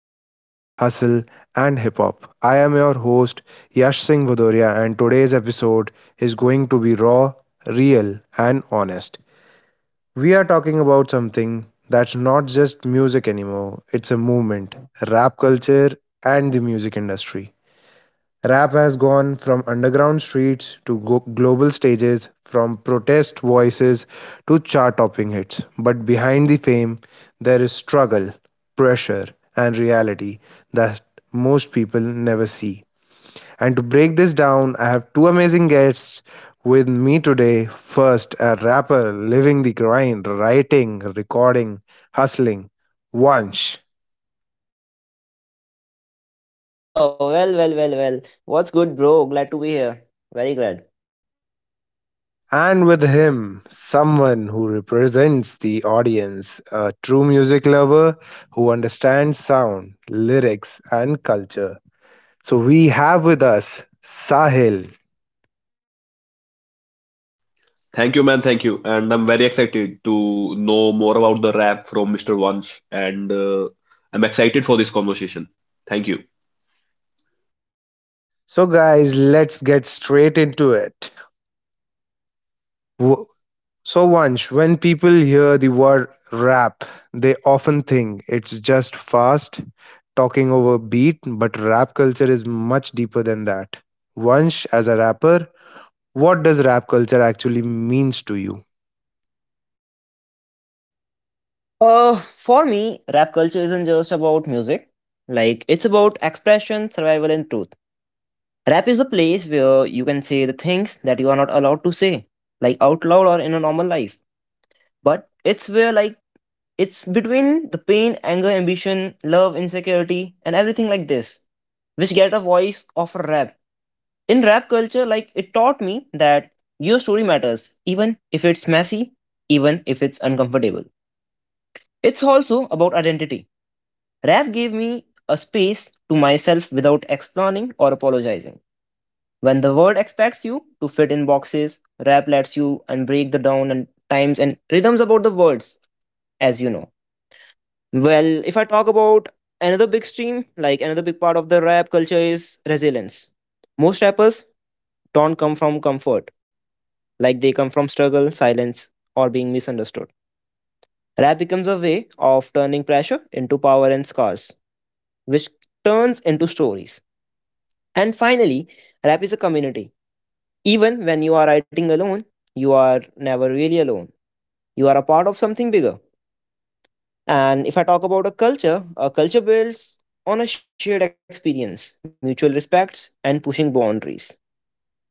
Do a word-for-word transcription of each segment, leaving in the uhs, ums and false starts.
Honor, Hustle, and Hip Hop. I am your host, Yash Singh Vadoria, and today's episode is going to be raw, real, and honest. We are talking about something that's not just music anymore, it's a movement, rap culture and the music industry. Rap has gone from underground streets to go- global stages, from protest voices to chart topping hits. But behind the fame, there is struggle, pressure, and reality that most people never see. And to break this down, I have two amazing guests with me today. First, a rapper living the grind, writing, recording, hustling. Vansh. Oh, well, well, well, well. What's good, bro? Glad to be here. Very glad. And with him, someone who represents the audience, a true music lover who understands sound, lyrics, and culture. So we have with us Sahil. Thank you, man. Thank you. And I'm very excited to know more about the rap from Mister Vansh. And uh, I'm excited for this conversation. Thank you. So, guys, let's get straight into it. W- So, Vansh, when people hear the word rap, they often think it's just fast talking over beat, but rap culture is much deeper than that. Vansh, as a rapper, what does rap culture actually means to you? Uh, for me, rap culture isn't just about music. Like, it's about expression, survival, and truth. Rap is the place where you can say the things that you are not allowed to say, like out loud or in a normal life. But it's where, like, it's between the pain, anger, ambition, love, insecurity, and everything like this, which get a voice of a rap. In rap culture, like it taught me that your story matters, even if it's messy, even if it's uncomfortable. It's also about identity. Rap gave me a space to myself without explaining or apologizing. When the world expects you to fit in boxes, rap lets you and break the down and times and rhythms about the words, as you know. Well, if I talk about another big stream, like another big part of the rap culture is resilience. Most rappers don't come from comfort, like they come from struggle, silence, or being misunderstood. Rap becomes a way of turning pressure into power and scars, which turns into stories. And finally, rap is a community. Even when you are writing alone, you are never really alone. You are a part of something bigger. And if I talk about a culture, a culture builds on a shared experience, mutual respects, and pushing boundaries.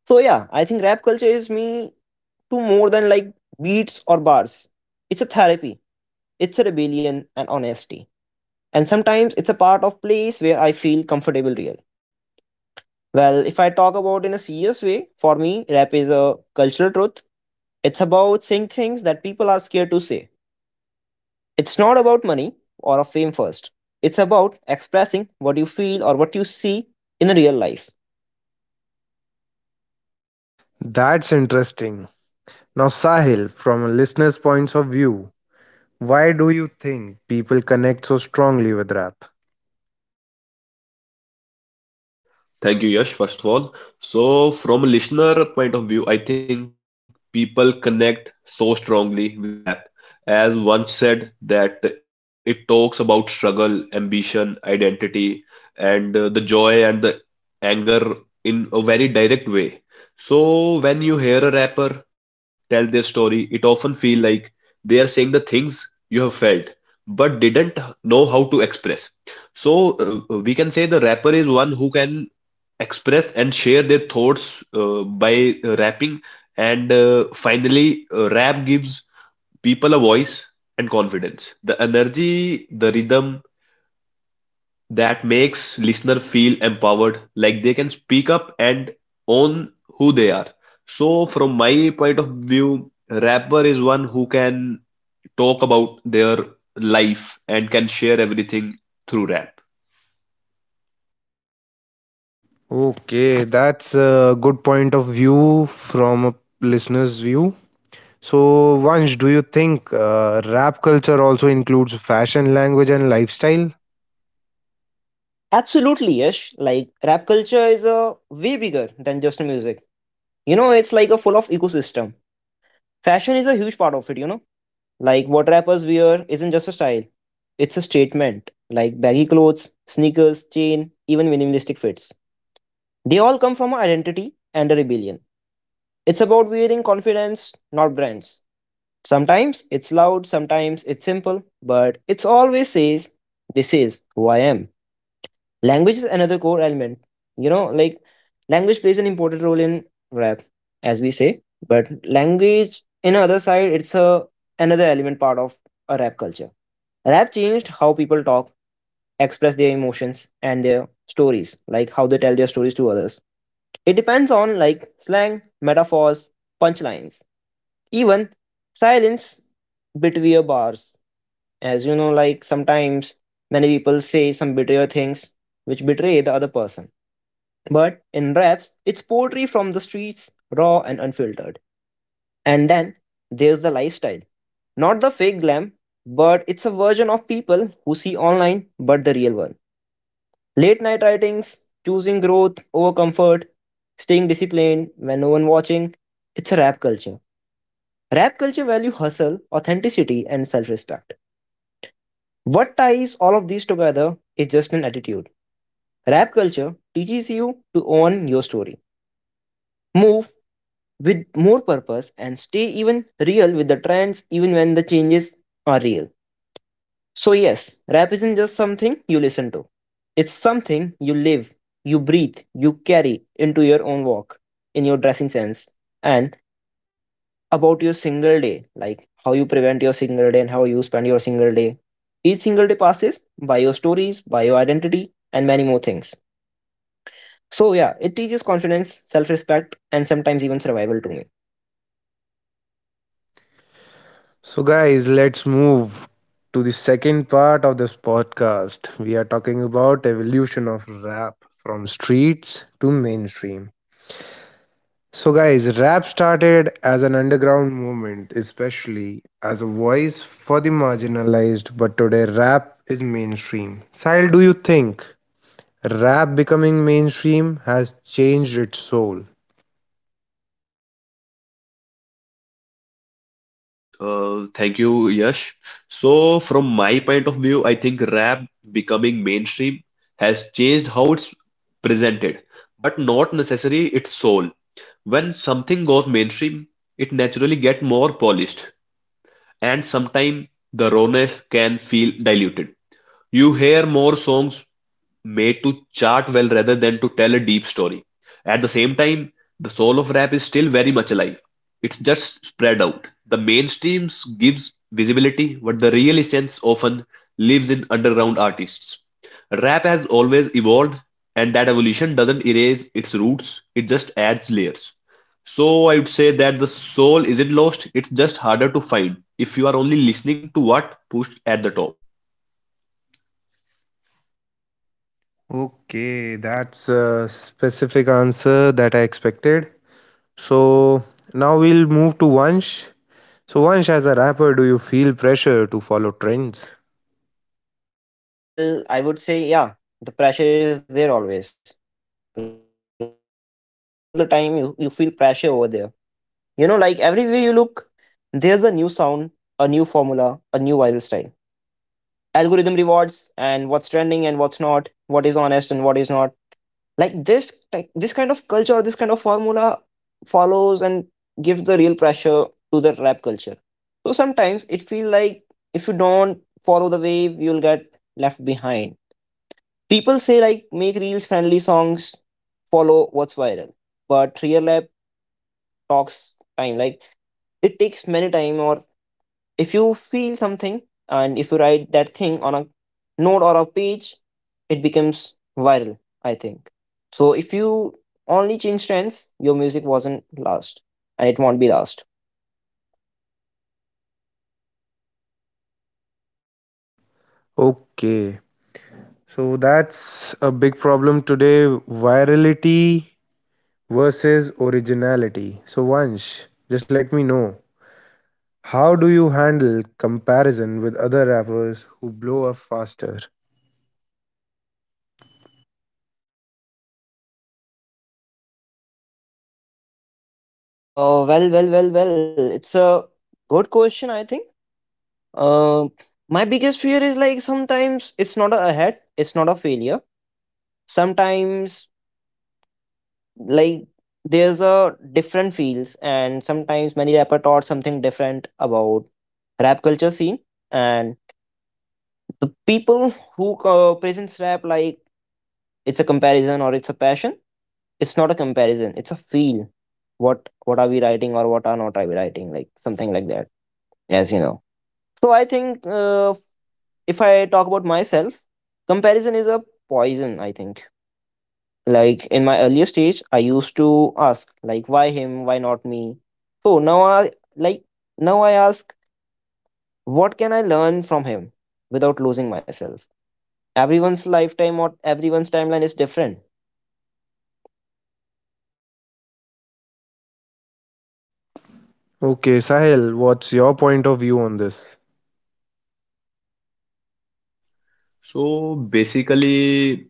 So yeah, I think rap culture is me to more than like beats or bars. It's a therapy. It's a rebellion and honesty. And sometimes it's a part of place where I feel comfortable real. Well, if I talk about in a serious way, for me, rap is a cultural truth. It's about saying things that people are scared to say. It's not about money or a fame first. It's about expressing what you feel or what you see in a real life. That's interesting. Now, Sahil, from a listener's points of view, why do you think people connect so strongly with rap? Thank you, Yash, first of all. So, from a listener point of view, I think people connect so strongly with the rap. As one said, that it talks about struggle, ambition, identity, and uh, the joy and the anger in a very direct way. So, when you hear a rapper tell their story, it often feel like they are saying the things you have felt but didn't know how to express. So, uh, we can say the rapper is one who can express and share their thoughts uh, by uh, rapping. And uh, finally, uh, rap gives people a voice and confidence. The energy, the rhythm that makes listener feel empowered, like they can speak up and own who they are. So, from my point of view, rapper is one who can talk about their life and can share everything through rap. Okay, that's a good point of view from a listener's view. So, Vansh, do you think uh, rap culture also includes fashion, language, and lifestyle? Absolutely, Yash. Like rap culture is a way bigger than just music. You know, it's like a full of ecosystem. Fashion is a huge part of it, you know. Like what rappers wear isn't just a style, it's a statement. Like baggy clothes, sneakers, chain, even minimalistic fits. They all come from an identity and a rebellion. It's about wearing confidence, not brands. Sometimes it's loud, sometimes it's simple, but it's always says, "This is who I am." Language is another core element. You know, like language plays an important role in rap, as we say, but language, in other side, it's a another element part of a rap culture. Rap changed how people talk, express their emotions and their stories, like how they tell their stories to others. It depends on like slang, metaphors, punchlines, even silence between bars. As you know, like sometimes many people say some betrayal things which betray the other person. But in raps, it's poetry from the streets, raw and unfiltered. And then there's the lifestyle. Not the fake glam, but it's a version of people who see online but the real one. Late night writings, choosing growth over comfort, staying disciplined when no one watching. It's a rap culture. Rap culture value hustle, authenticity and self-respect. What ties all of these together is just an attitude. Rap culture teaches you to own your story. Move with more purpose and stay even real with the trends even when the changes are real. So, yes, rap isn't just something you listen to, it's something you live, you breathe, you carry into your own walk, in your dressing sense, and about your single day, like how you prevent your single day and how you spend your single day. Each single day passes by your stories, by your identity, and many more things. So, yeah, it teaches confidence, self respect, and sometimes even survival to me. So, guys, let's move to the second part of this podcast. We are talking about evolution of rap from streets to mainstream. So, guys, rap started as an underground movement, especially as a voice for the marginalized. But today, rap is mainstream. Sahil, do you think rap becoming mainstream has changed its soul? Uh, thank you, Yash. So, from my point of view, I think rap becoming mainstream has changed how it's presented, but not necessarily its soul. When something goes mainstream, it naturally get more polished, and sometimes the rawness can feel diluted. You hear more songs made to chart well rather than to tell a deep story. At the same time, the soul of rap is still very much alive. It's just spread out. The mainstreams gives visibility, but the real essence often lives in underground. Rap has always evolved, and that evolution doesn't erase its roots, it just adds layers. So I would say that the soul isn't lost, it's just harder to find if you are only listening to what pushed at the top. Okay, that's a specific answer that I expected. So now we'll move to Vansh. So Vansh, as a rapper, do you feel pressure to follow trends? Well, I would say, yeah, the pressure is there always. Like all the time, you, you feel pressure over there. You know, like everywhere you look, there's a new sound, a new formula, a new viral style. Algorithm rewards and what's trending and what's not, what is honest and what is not. Like this, like this kind of culture, this kind of formula follows and gives the real pressure to the rap culture. So sometimes it feels like if you don't follow the wave, you'll get left behind. People say like make reels friendly songs follow what's viral, but real talks time like it takes many time, or if you feel something and if you write that thing on a note or a page it becomes viral, I think. So if you only change trends your music wasn't last and it won't be last. Okay. So that's a big problem today. Virality versus originality. So Vansh, just let me know. How do you handle comparison with other rappers who blow up faster? Uh well, well, well, well, it's a good question, I think uh my biggest fear is like sometimes it's not a ahead, it's not a failure. Sometimes, like, there's a different feels, and sometimes many rapper taught something different about rap culture scene. And the people who co- presents rap, like, it's a comparison or it's a passion. It's not a comparison, it's a feel. What what are we writing or what are not are we writing, like something like that, as you know. So I think, uh, if I talk about myself, comparison is a poison, I think. Like in my earlier stage, I used to ask, like, why him, why not me? So now I like now I ask, what can I learn from him without losing myself? Everyone's lifetime or everyone's timeline is different. Okay, Sahil, what's your point of view on this? So basically,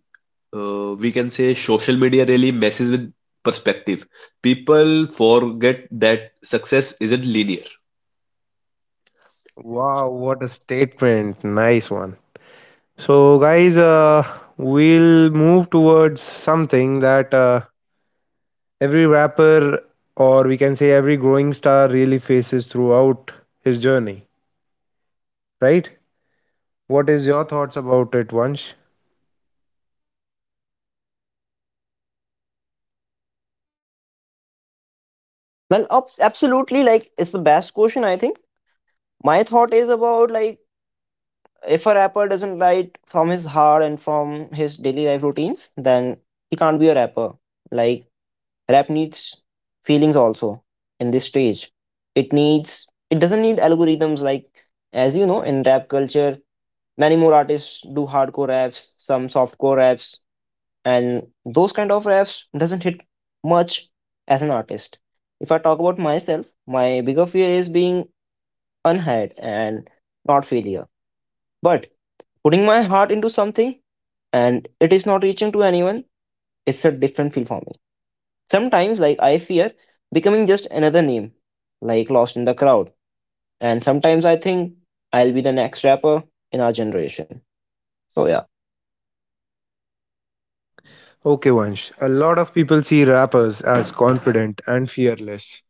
uh, we can say social media really messes with perspective. People forget that success isn't linear. Wow, what a statement. Nice one. So, guys, uh, we'll move towards something that uh, every rapper, or we can say every growing star, really faces throughout his journey, right? What is your thoughts about it, Vansh? Well, abs- absolutely. Like, it's the best question, I think. My thought is about like if a rapper doesn't write from his heart and from his daily life routines, then he can't be a rapper. Like, rap needs feelings also in this stage. It needs, it doesn't need algorithms. Like, as you know, in rap culture, many more artists do hardcore raps, some softcore raps, and those kind of raps doesn't hit much. As an artist, if I talk about myself, my bigger fear is being unheard, and not failure, but putting my heart into something and it is not reaching to anyone. It's a different feel for me. Sometimes like I fear becoming just another name, like lost in the crowd. And sometimes I think I'll be the next rapper in our generation. So yeah. Okay, Vansh. A lot of people see rappers as confident and fearless.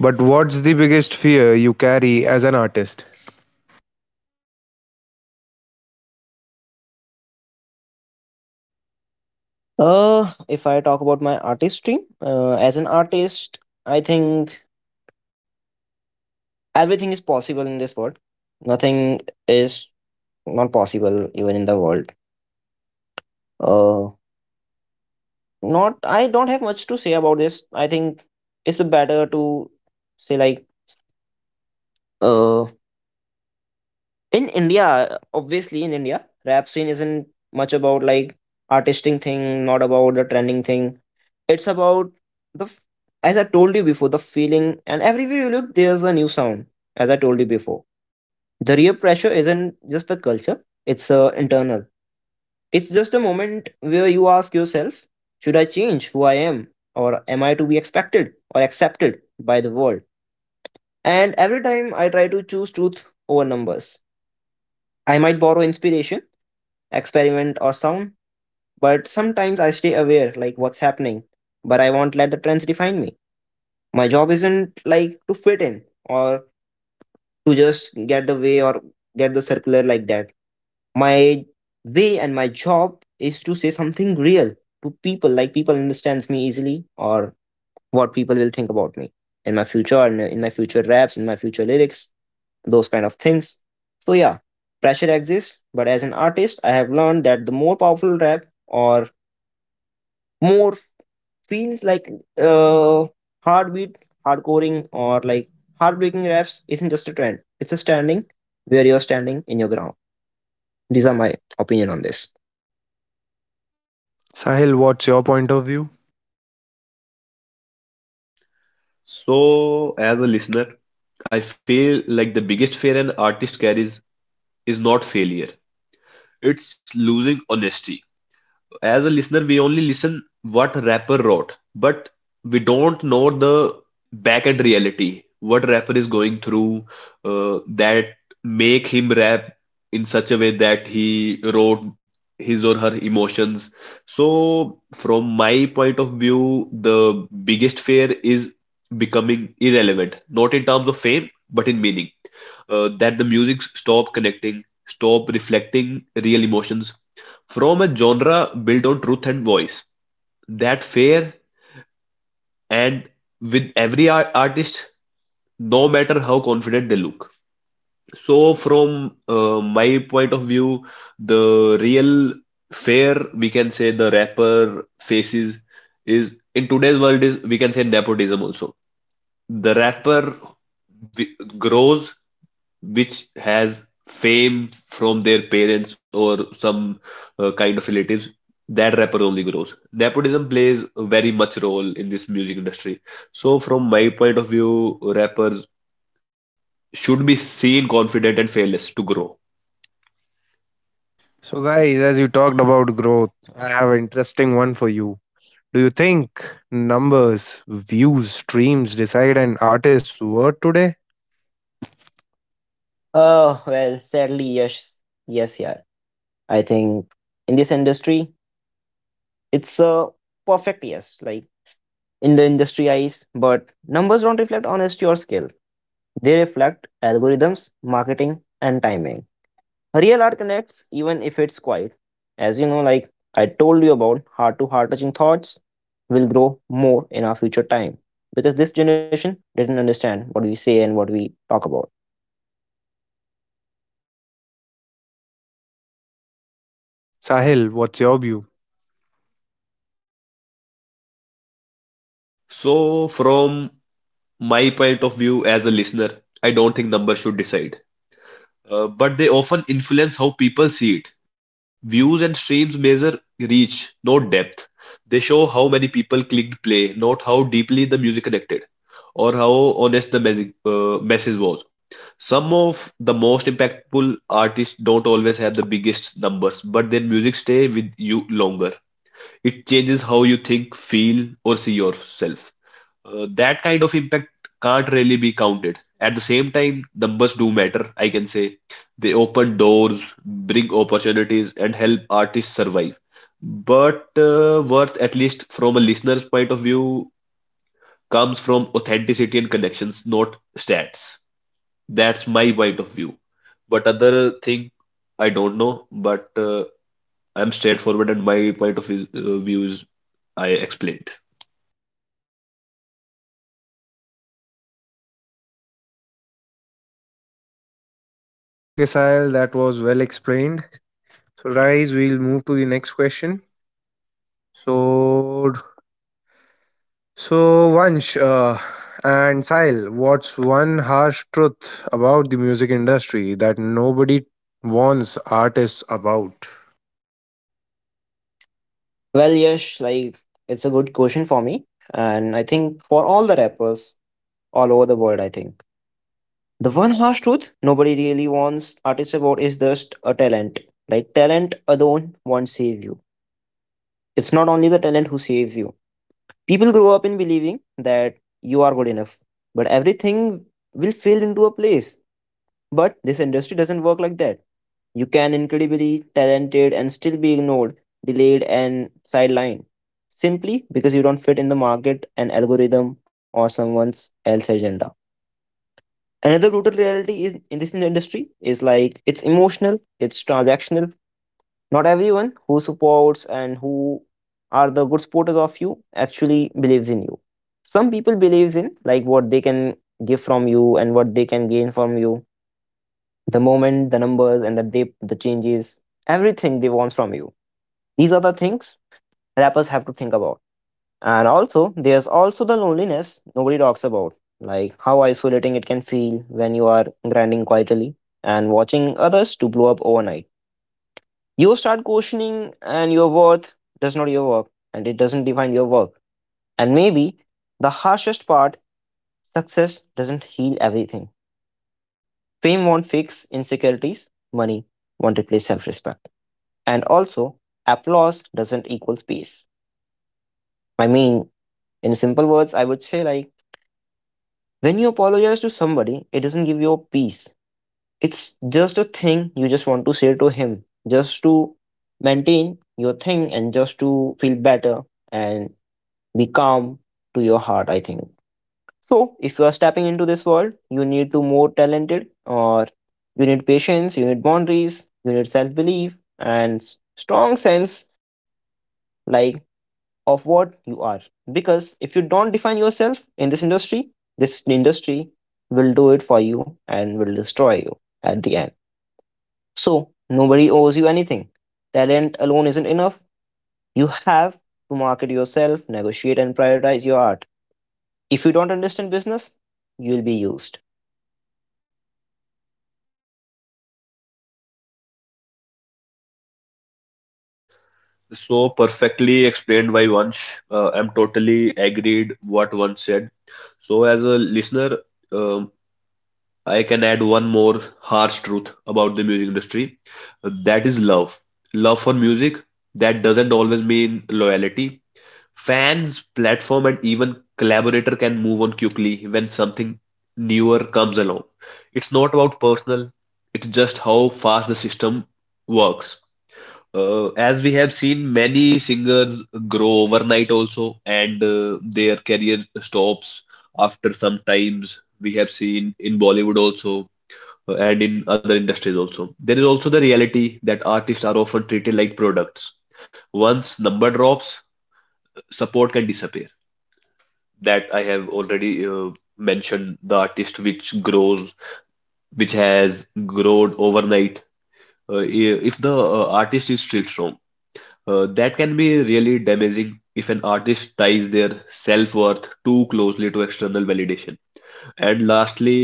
But what's the biggest fear you carry as an artist? Uh if I talk about my artistry, uh, as an artist, I think everything is possible in this world. Nothing is not possible even in the world. Uh not I don't have much to say about this. I think it's better to say, like uh, in India, obviously, in India rap scene isn't much about like artistic thing, not about the trending thing. It's about the f- as I told you before, the feeling, and everywhere you look there's a new sound. As I told you before, the real pressure isn't just the culture, it's uh, internal It's just a moment where you ask yourself, should I change who I am? Or am I to be expected or accepted by the world? And every time I try to choose truth over numbers, I might borrow inspiration, experiment, or sound, but sometimes I stay aware like what's happening, but I won't let the trends define me. My job isn't like to fit in or to just get the way or get the circular like that. My way and my job is to say something real to people, like people understands me easily, or what people will think about me in my future and in my future raps, in my future lyrics, those kind of things. So yeah, pressure exists, but as an artist I have learned that the more powerful rap, or more feels like, uh heartbeat, hardcoring, or like heartbreaking raps isn't just a trend, it's a standing where you're standing in your ground. These are my opinion on this. Sahil, what's your point of view? So, as a listener, I feel like the biggest fear an artist carries is not failure, it's losing honesty. As a listener, we only listen what rapper wrote, but we don't know the back end reality what rapper is going through, uh, that make him rap in such a way that he wrote his or her emotions. So from my point of view, the biggest fear is becoming irrelevant, not in terms of fame but in meaning, uh, that the music stop connecting, stop reflecting real emotions from a genre built on truth and voice, that fair and with every ar- artist, no matter how confident they look. So, from uh, my point of view, the real fair, we can say the rapper faces is in today's world, is we can say nepotism also. The rapper wi- grows, which has fame from their parents or some uh, kind of relatives, that rapper only grows. Nepotism plays a very much role in this music industry. So, from my point of view, rappers should be seen confident and fearless to grow. So, guys, as you talked about growth, I have an interesting one for you. Do you think numbers, views, streams decide an artist's worth today? Oh, well, sadly, yes. Yes, yeah. I think in this industry, it's a perfect yes. Like in the industry eyes, but numbers don't reflect honesty or skill. They reflect algorithms, marketing, and timing. Real art connects even if it's quiet. As you know, like I told you about heart to heart touching thoughts will grow more in our future time, because this generation didn't understand what we say and what we talk about. Sahil, what's your view? So, from my point of view as a listener, I don't think numbers should decide, uh, but they often influence how people see it. Views and streams measure reach, not depth. They show how many people clicked play, not how deeply the music connected or how honest the message, uh, message was. Some of the most impactful artists don't always have the biggest numbers, but their music stay with you longer. It changes how you think, feel, or see yourself, uh, that kind of impact can't really be counted. At the same time, numbers do matter, I can say. They open doors, bring opportunities, and help artists survive. But uh, worth, at least from a listener's point of view, comes from authenticity and connections, not stats. That's my point of view. But other thing, I don't know. But uh, I'm straightforward, and my point of view, uh, view is I explained. Okay, Sahil, that was well explained. So, guys, we'll move to the next question. So, so Vansh uh, and Sahil, what's one harsh truth about the music industry that nobody warns artists about? Well, Yash, like it's a good question for me, and I think for all the rappers all over the world, I think the one harsh truth nobody really wants artists about is just a talent. Like talent alone won't save you. It's not only the talent who saves you. People grow up in believing that you are good enough, but everything will fill into a place. But this industry doesn't work like that. You can incredibly talented and still be ignored, delayed and sidelined simply because you don't fit in the market, an algorithm or someone's else agenda. Another brutal reality is in this industry is like it's emotional, it's transactional. Not everyone who supports and who are the good supporters of you actually believes in you. Some people believes in like what they can give from you and what they can gain from you the moment, the numbers, and the dip, the changes, everything they want from you. These are the things rappers have to think about. And also, there's also the loneliness nobody talks about, like how isolating it can feel when you are grinding quietly and watching others to blow up overnight. You start questioning, and your worth does not your work, and it doesn't define your work. And maybe the harshest part success doesn't heal everything. Fame won't fix insecurities, money won't replace self respect. And also, applause doesn't equal peace. I mean, in simple words, I would say like when you apologize to somebody, it doesn't give you a peace. It's just a thing you just want to say to him, just to maintain your thing and just to feel better and be calm to your heart, I think. So if you are stepping into this world, you need to more talented or you need patience, you need boundaries, you need self-belief and s- strong sense like of what you are. Because if you don't define yourself in this industry, this industry will do it for you and will destroy you at the end. So nobody owes you anything. Talent alone isn't enough. You have to market yourself, negotiate, and prioritize your art. If you don't understand business, you'll be used. So perfectly explained by Vansh. Uh, I'm totally agreed what Vansh said. So as a listener, um, I can add one more harsh truth about the music industry. Uh, That is love. Love for music. That doesn't always mean loyalty. Fans, platform, and even collaborator can move on quickly when something newer comes along. It's not about personal. It's just how fast the system works. Uh, as we have seen many singers grow overnight also, and uh, their career stops after some times, we have seen in bollywood also, uh, and in other industries also, there is also the reality that artists are often treated like products. Once number drops, support can disappear. That I have already uh, mentioned, the artist which grows, which has grown overnight, uh, i- if the uh, artist is still strong. Uh, that can be really damaging if an artist ties their self worth too closely to external validation. And lastly,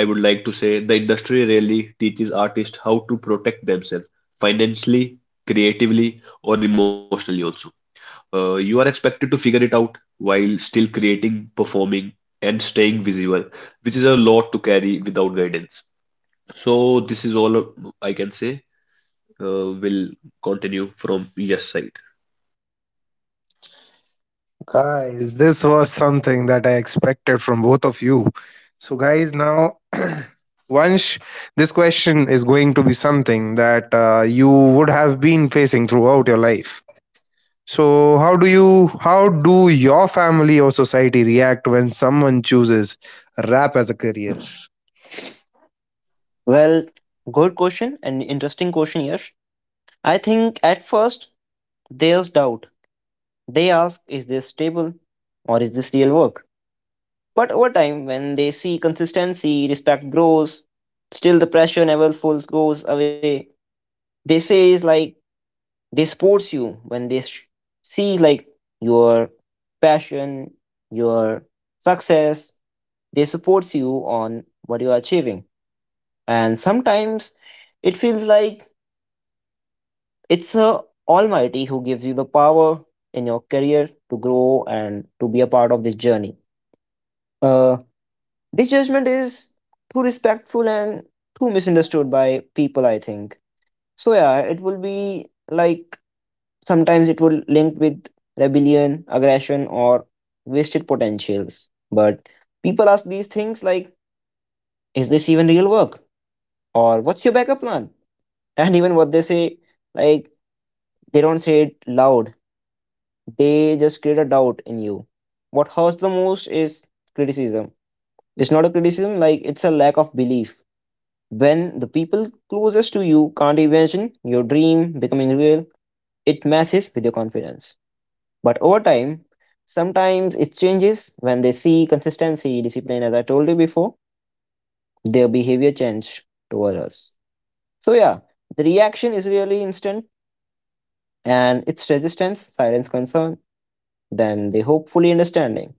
I would like to say the industry really teaches artists how to protect themselves financially, creatively, or emotionally also. Uh, you are expected to figure it out while still creating, performing, and staying visible, which is a lot to carry without guidance. So, this is all I can say. Uh, we'll continue from yes side. Guys, this was something that I expected from both of you. So, guys, now, Vansh, this question is going to be something that uh, you would have been facing throughout your life. So, how do you, how do your family or society react when someone chooses rap as a career? Well, good question and interesting question, Yash. I think at first there's doubt. They ask, is this stable or is this real work? But over time, when they see consistency, respect grows. Still, the pressure never fully goes away. They say is like they sports you when they sh- see like your passion, your success. They supports you on what you are achieving, and sometimes it feels like it's a Almighty who gives you the power in your career to grow and to be a part of this journey. Uh, This judgment is too respectful and too misunderstood by people, I think. So yeah, it will be like sometimes it will link with rebellion, aggression, or wasted potentials. But people ask these things like, is this even real work? Or what's your backup plan? And even what they say, like they don't say it loud. They just create a doubt in you. What hurts the most is criticism. It's not a criticism, like it's a lack of belief. When the people closest to you can't imagine your dream becoming real, it messes with your confidence. But over time, sometimes it changes when they see consistency, discipline, as I told you before, their behavior change toward us. So, yeah, the reaction is really instant and it's resistance, silence, concern, then they hopefully understanding.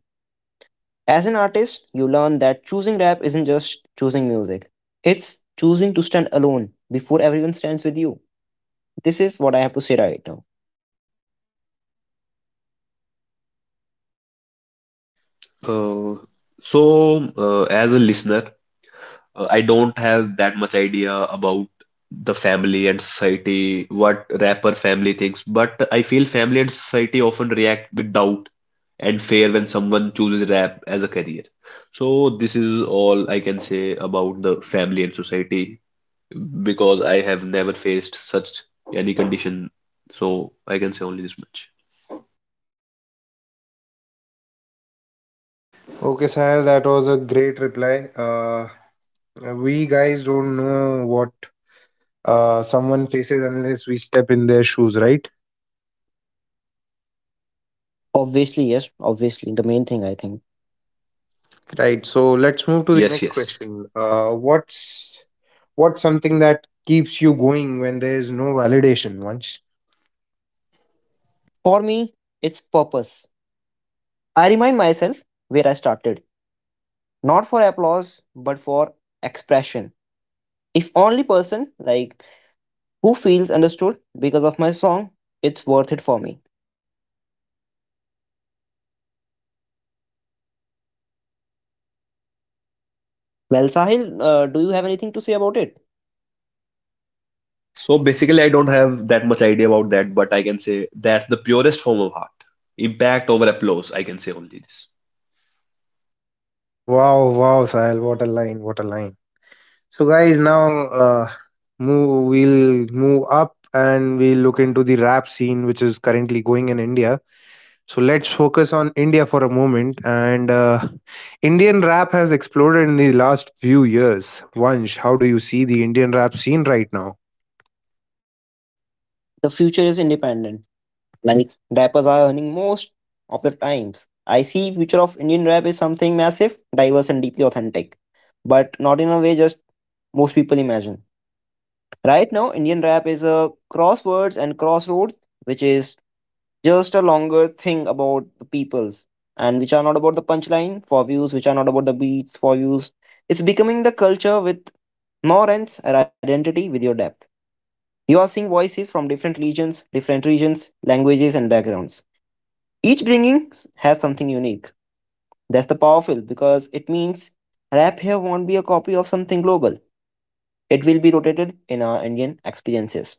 As an artist, you learn that choosing rap isn't just choosing music, it's choosing to stand alone before everyone stands with you. This is what I have to say right now. Uh, so, uh, as a listener, uh, I don't have that much idea about the family and society, what rapper family thinks, but I feel family and society often react with doubt and fear when someone chooses rap as a career. So, this is all I can say about the family and society because I have never faced such any condition. So, I can say only this much. Okay, Sahil, that was a great reply. Uh, we guys don't know what uh, someone faces unless we step in their shoes, right? Obviously, yes, obviously, the main thing I think. Right. So let's move to the Yes, next yes. question. Uh, what's what's something that keeps you going when there is no validation? Once. For me, it's purpose. I remind myself where I started, not for applause, but for expression. If only person like who feels understood because of my song, it's worth it for me. Well, Sahil, uh, do you have anything to say about it? So basically, I don't have that much idea about that, but I can say that's the purest form of art. Impact over applause, I can say only this. Wow, wow, Sahil, what a line, what a line. So guys, now uh, move. We'll move up and we'll look into the rap scene, which is currently going in India. So let's focus on India for a moment. And uh, Indian rap has exploded in the last few years. Vansh, how do you see the Indian rap scene right now? The future is independent. Like rappers are earning most of the times. I see future of Indian rap is something massive, diverse and deeply authentic. But not in a way just most people imagine. Right now, Indian rap is a crosswords and crossroads, which is just a longer thing about the peoples and which are not about the punchline for views, which are not about the beats for views. It's becoming the culture with no rents or identity with your depth. You are seeing voices from different regions, different regions, languages, and backgrounds. Each bringing s- has something unique. That's the powerful because it means rap here won't be a copy of something global. It will be rotated in our Indian experiences.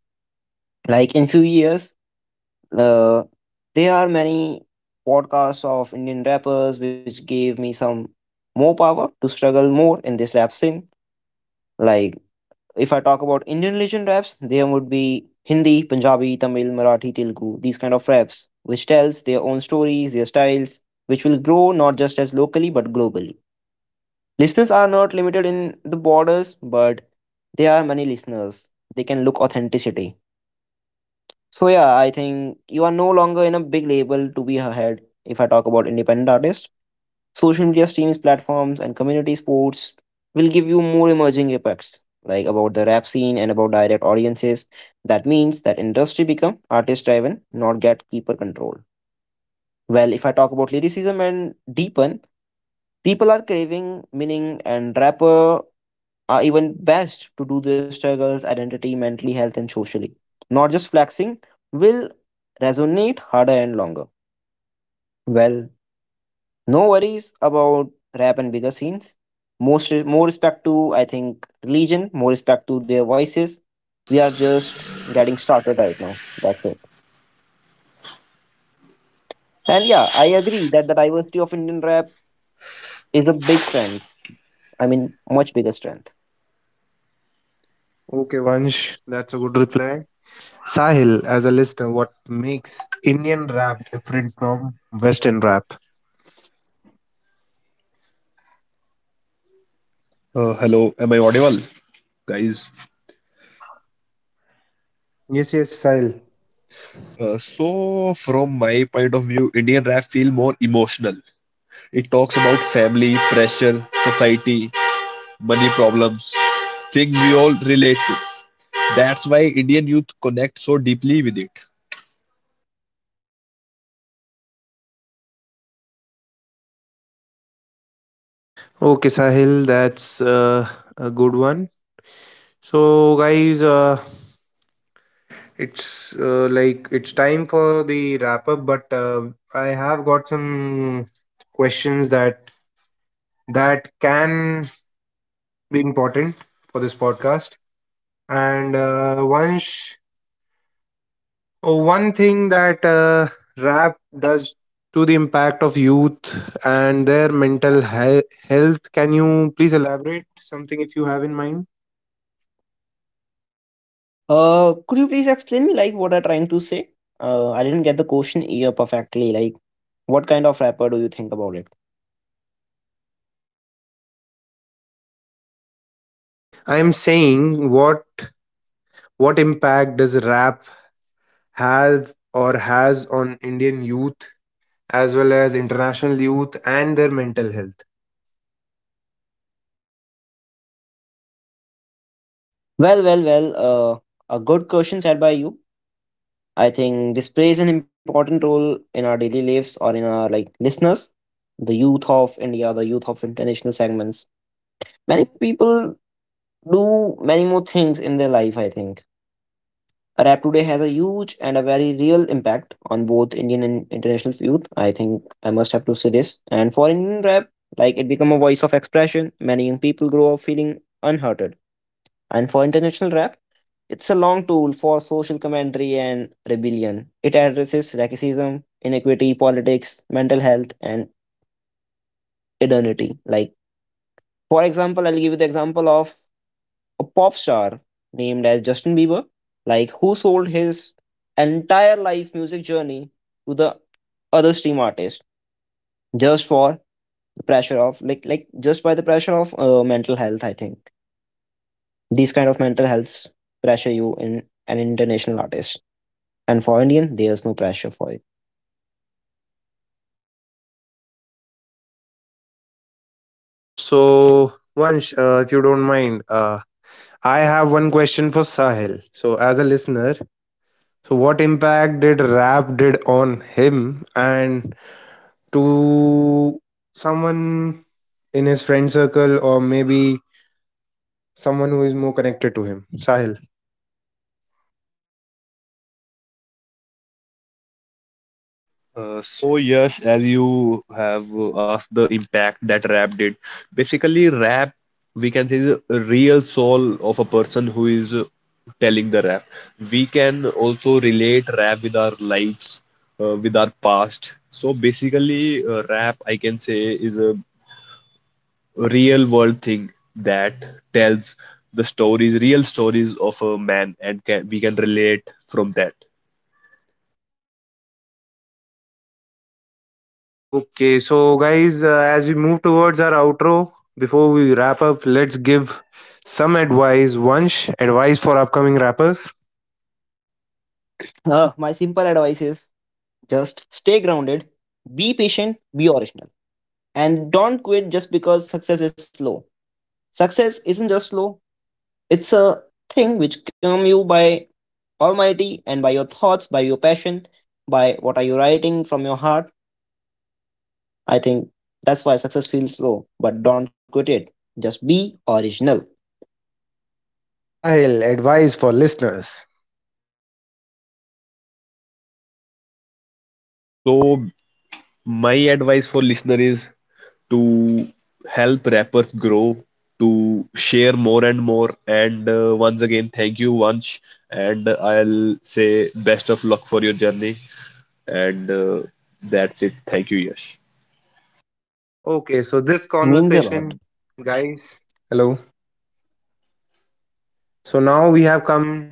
Like in few years, uh, there are many podcasts of Indian rappers which gave me some more power to struggle more in this rap scene. Like if I talk about Indian religion raps, there would be Hindi, Punjabi, Tamil, Marathi, Telugu, these kind of raps, which tells their own stories, their styles, which will grow not just as locally but globally. Listeners are not limited in the borders, but there are many listeners. They can look authenticity. So yeah, I think you are no longer in a big label to be ahead if I talk about independent artists. Social media streams, platforms, and community sports will give you more emerging impacts, like about the rap scene and about direct audiences. That means that industry become artist driven, not gatekeeper controlled. Well, if I talk about lyricism and deepen, people are craving meaning, and rapper are even best to do their struggles, identity, mental health, and socially. Not just flexing will resonate harder and longer. Well, no worries about rap and bigger scenes. Most more respect to I think religion, more respect to their voices. We are just getting started right now. That's it. And yeah, I agree that the diversity of Indian rap is a big strength. I mean, much bigger strength. Okay, Vansh, that's a good reply. Sahil, as a listener, what makes Indian rap different from Western rap? Uh, hello, am I audible, guys? Yes, yes, Sahil. Uh, so, from my point of view, Indian rap feel more emotional. It talks about family, pressure, society, money problems, things we all relate to. That's why Indian youth connect so deeply with it. Okay, Sahil, that's uh, a good one. So, guys, uh, it's uh, like it's time for the wrap up, but uh, I have got some questions that that can be important for this podcast. And uh, Vansh, oh, one thing that uh, rap does to the impact of youth and their mental he- health. Can you please elaborate something if you have in mind? Uh, could you please explain me like what are trying to say? Uh, I didn't get the question here perfectly. Like, what kind of rapper do you think about it? I am saying what what impact does rap have or has on Indian youth as well as international youth and their mental health? Well, well, well. Uh, a good question said by you. I think this plays an important role in our daily lives or in our like listeners, the youth of India, the youth of international segments. Many people do many more things in their life, I think. Rap today has a huge and a very real impact on both Indian and international youth. I think I must have to say this. And for Indian rap, like it become a voice of expression. Many young people grow up feeling unhurted. And for international rap, it's a long tool for social commentary and rebellion. It addresses racism, inequity, politics, mental health, and identity. Like, for example, I'll give you the example of a pop star named as Justin Bieber, like who sold his entire life music journey to the other stream artist just for the pressure of like like just by the pressure of uh, mental health. I think these kind of mental healths pressure you in an international artist, and for Indian, there's no pressure for it. Vansh, so Vansh, uh, if you don't mind, uh, I have one question for Sahil. So, as a listener, so, what impact did rap did on him and to someone in his friend circle or maybe someone who is more connected to him? Sahil. Uh, so Yash, as you have uh, asked the impact that rap did, basically rap, we can say, is a real soul of a person who is uh, telling the rap. We can also relate rap with our lives, uh, with our past. So basically, uh, rap, I can say, is a real world thing that tells the stories, real stories of a man, and can, we can relate from that. Okay, so guys, uh, as we move towards our outro, before we wrap up, let's give some advice. Vansh, advice for upcoming rappers. Uh, my simple advice is just stay grounded, be patient, be original, and don't quit just because success is slow. Success isn't just slow, it's a thing which come you by Almighty and by your thoughts, by your passion, by what are you writing from your heart. I think that's why success feels slow, but don't quit it. Just be original. Sahil, advice for listeners. So my advice for listener is to help rappers grow, to share more and more. And uh, once again, thank you, Vansh. And I'll say best of luck for your journey. And uh, that's it. Thank you, Yash. Okay, so this Means a lot. conversation, guys. Hello. So now we have come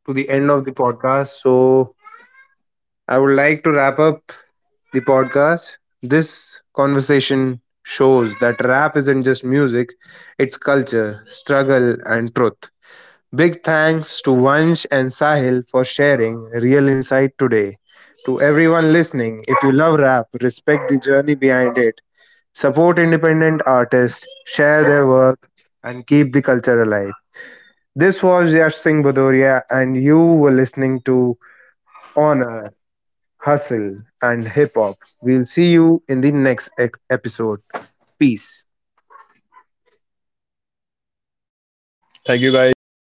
to the end of the podcast. So I would like to wrap up the podcast. This conversation shows that rap isn't just music, it's culture, struggle, and truth. Big thanks to Vansh and Sahil for sharing real insight today. To everyone listening, if you love rap, respect the journey behind it, support independent artists, share their work, and keep the culture alive. This was Yash Singh Bhadoria, and you were listening to Honor, Hustle, and Hip Hop. We'll see you in the next e- episode. Peace. Thank you, guys.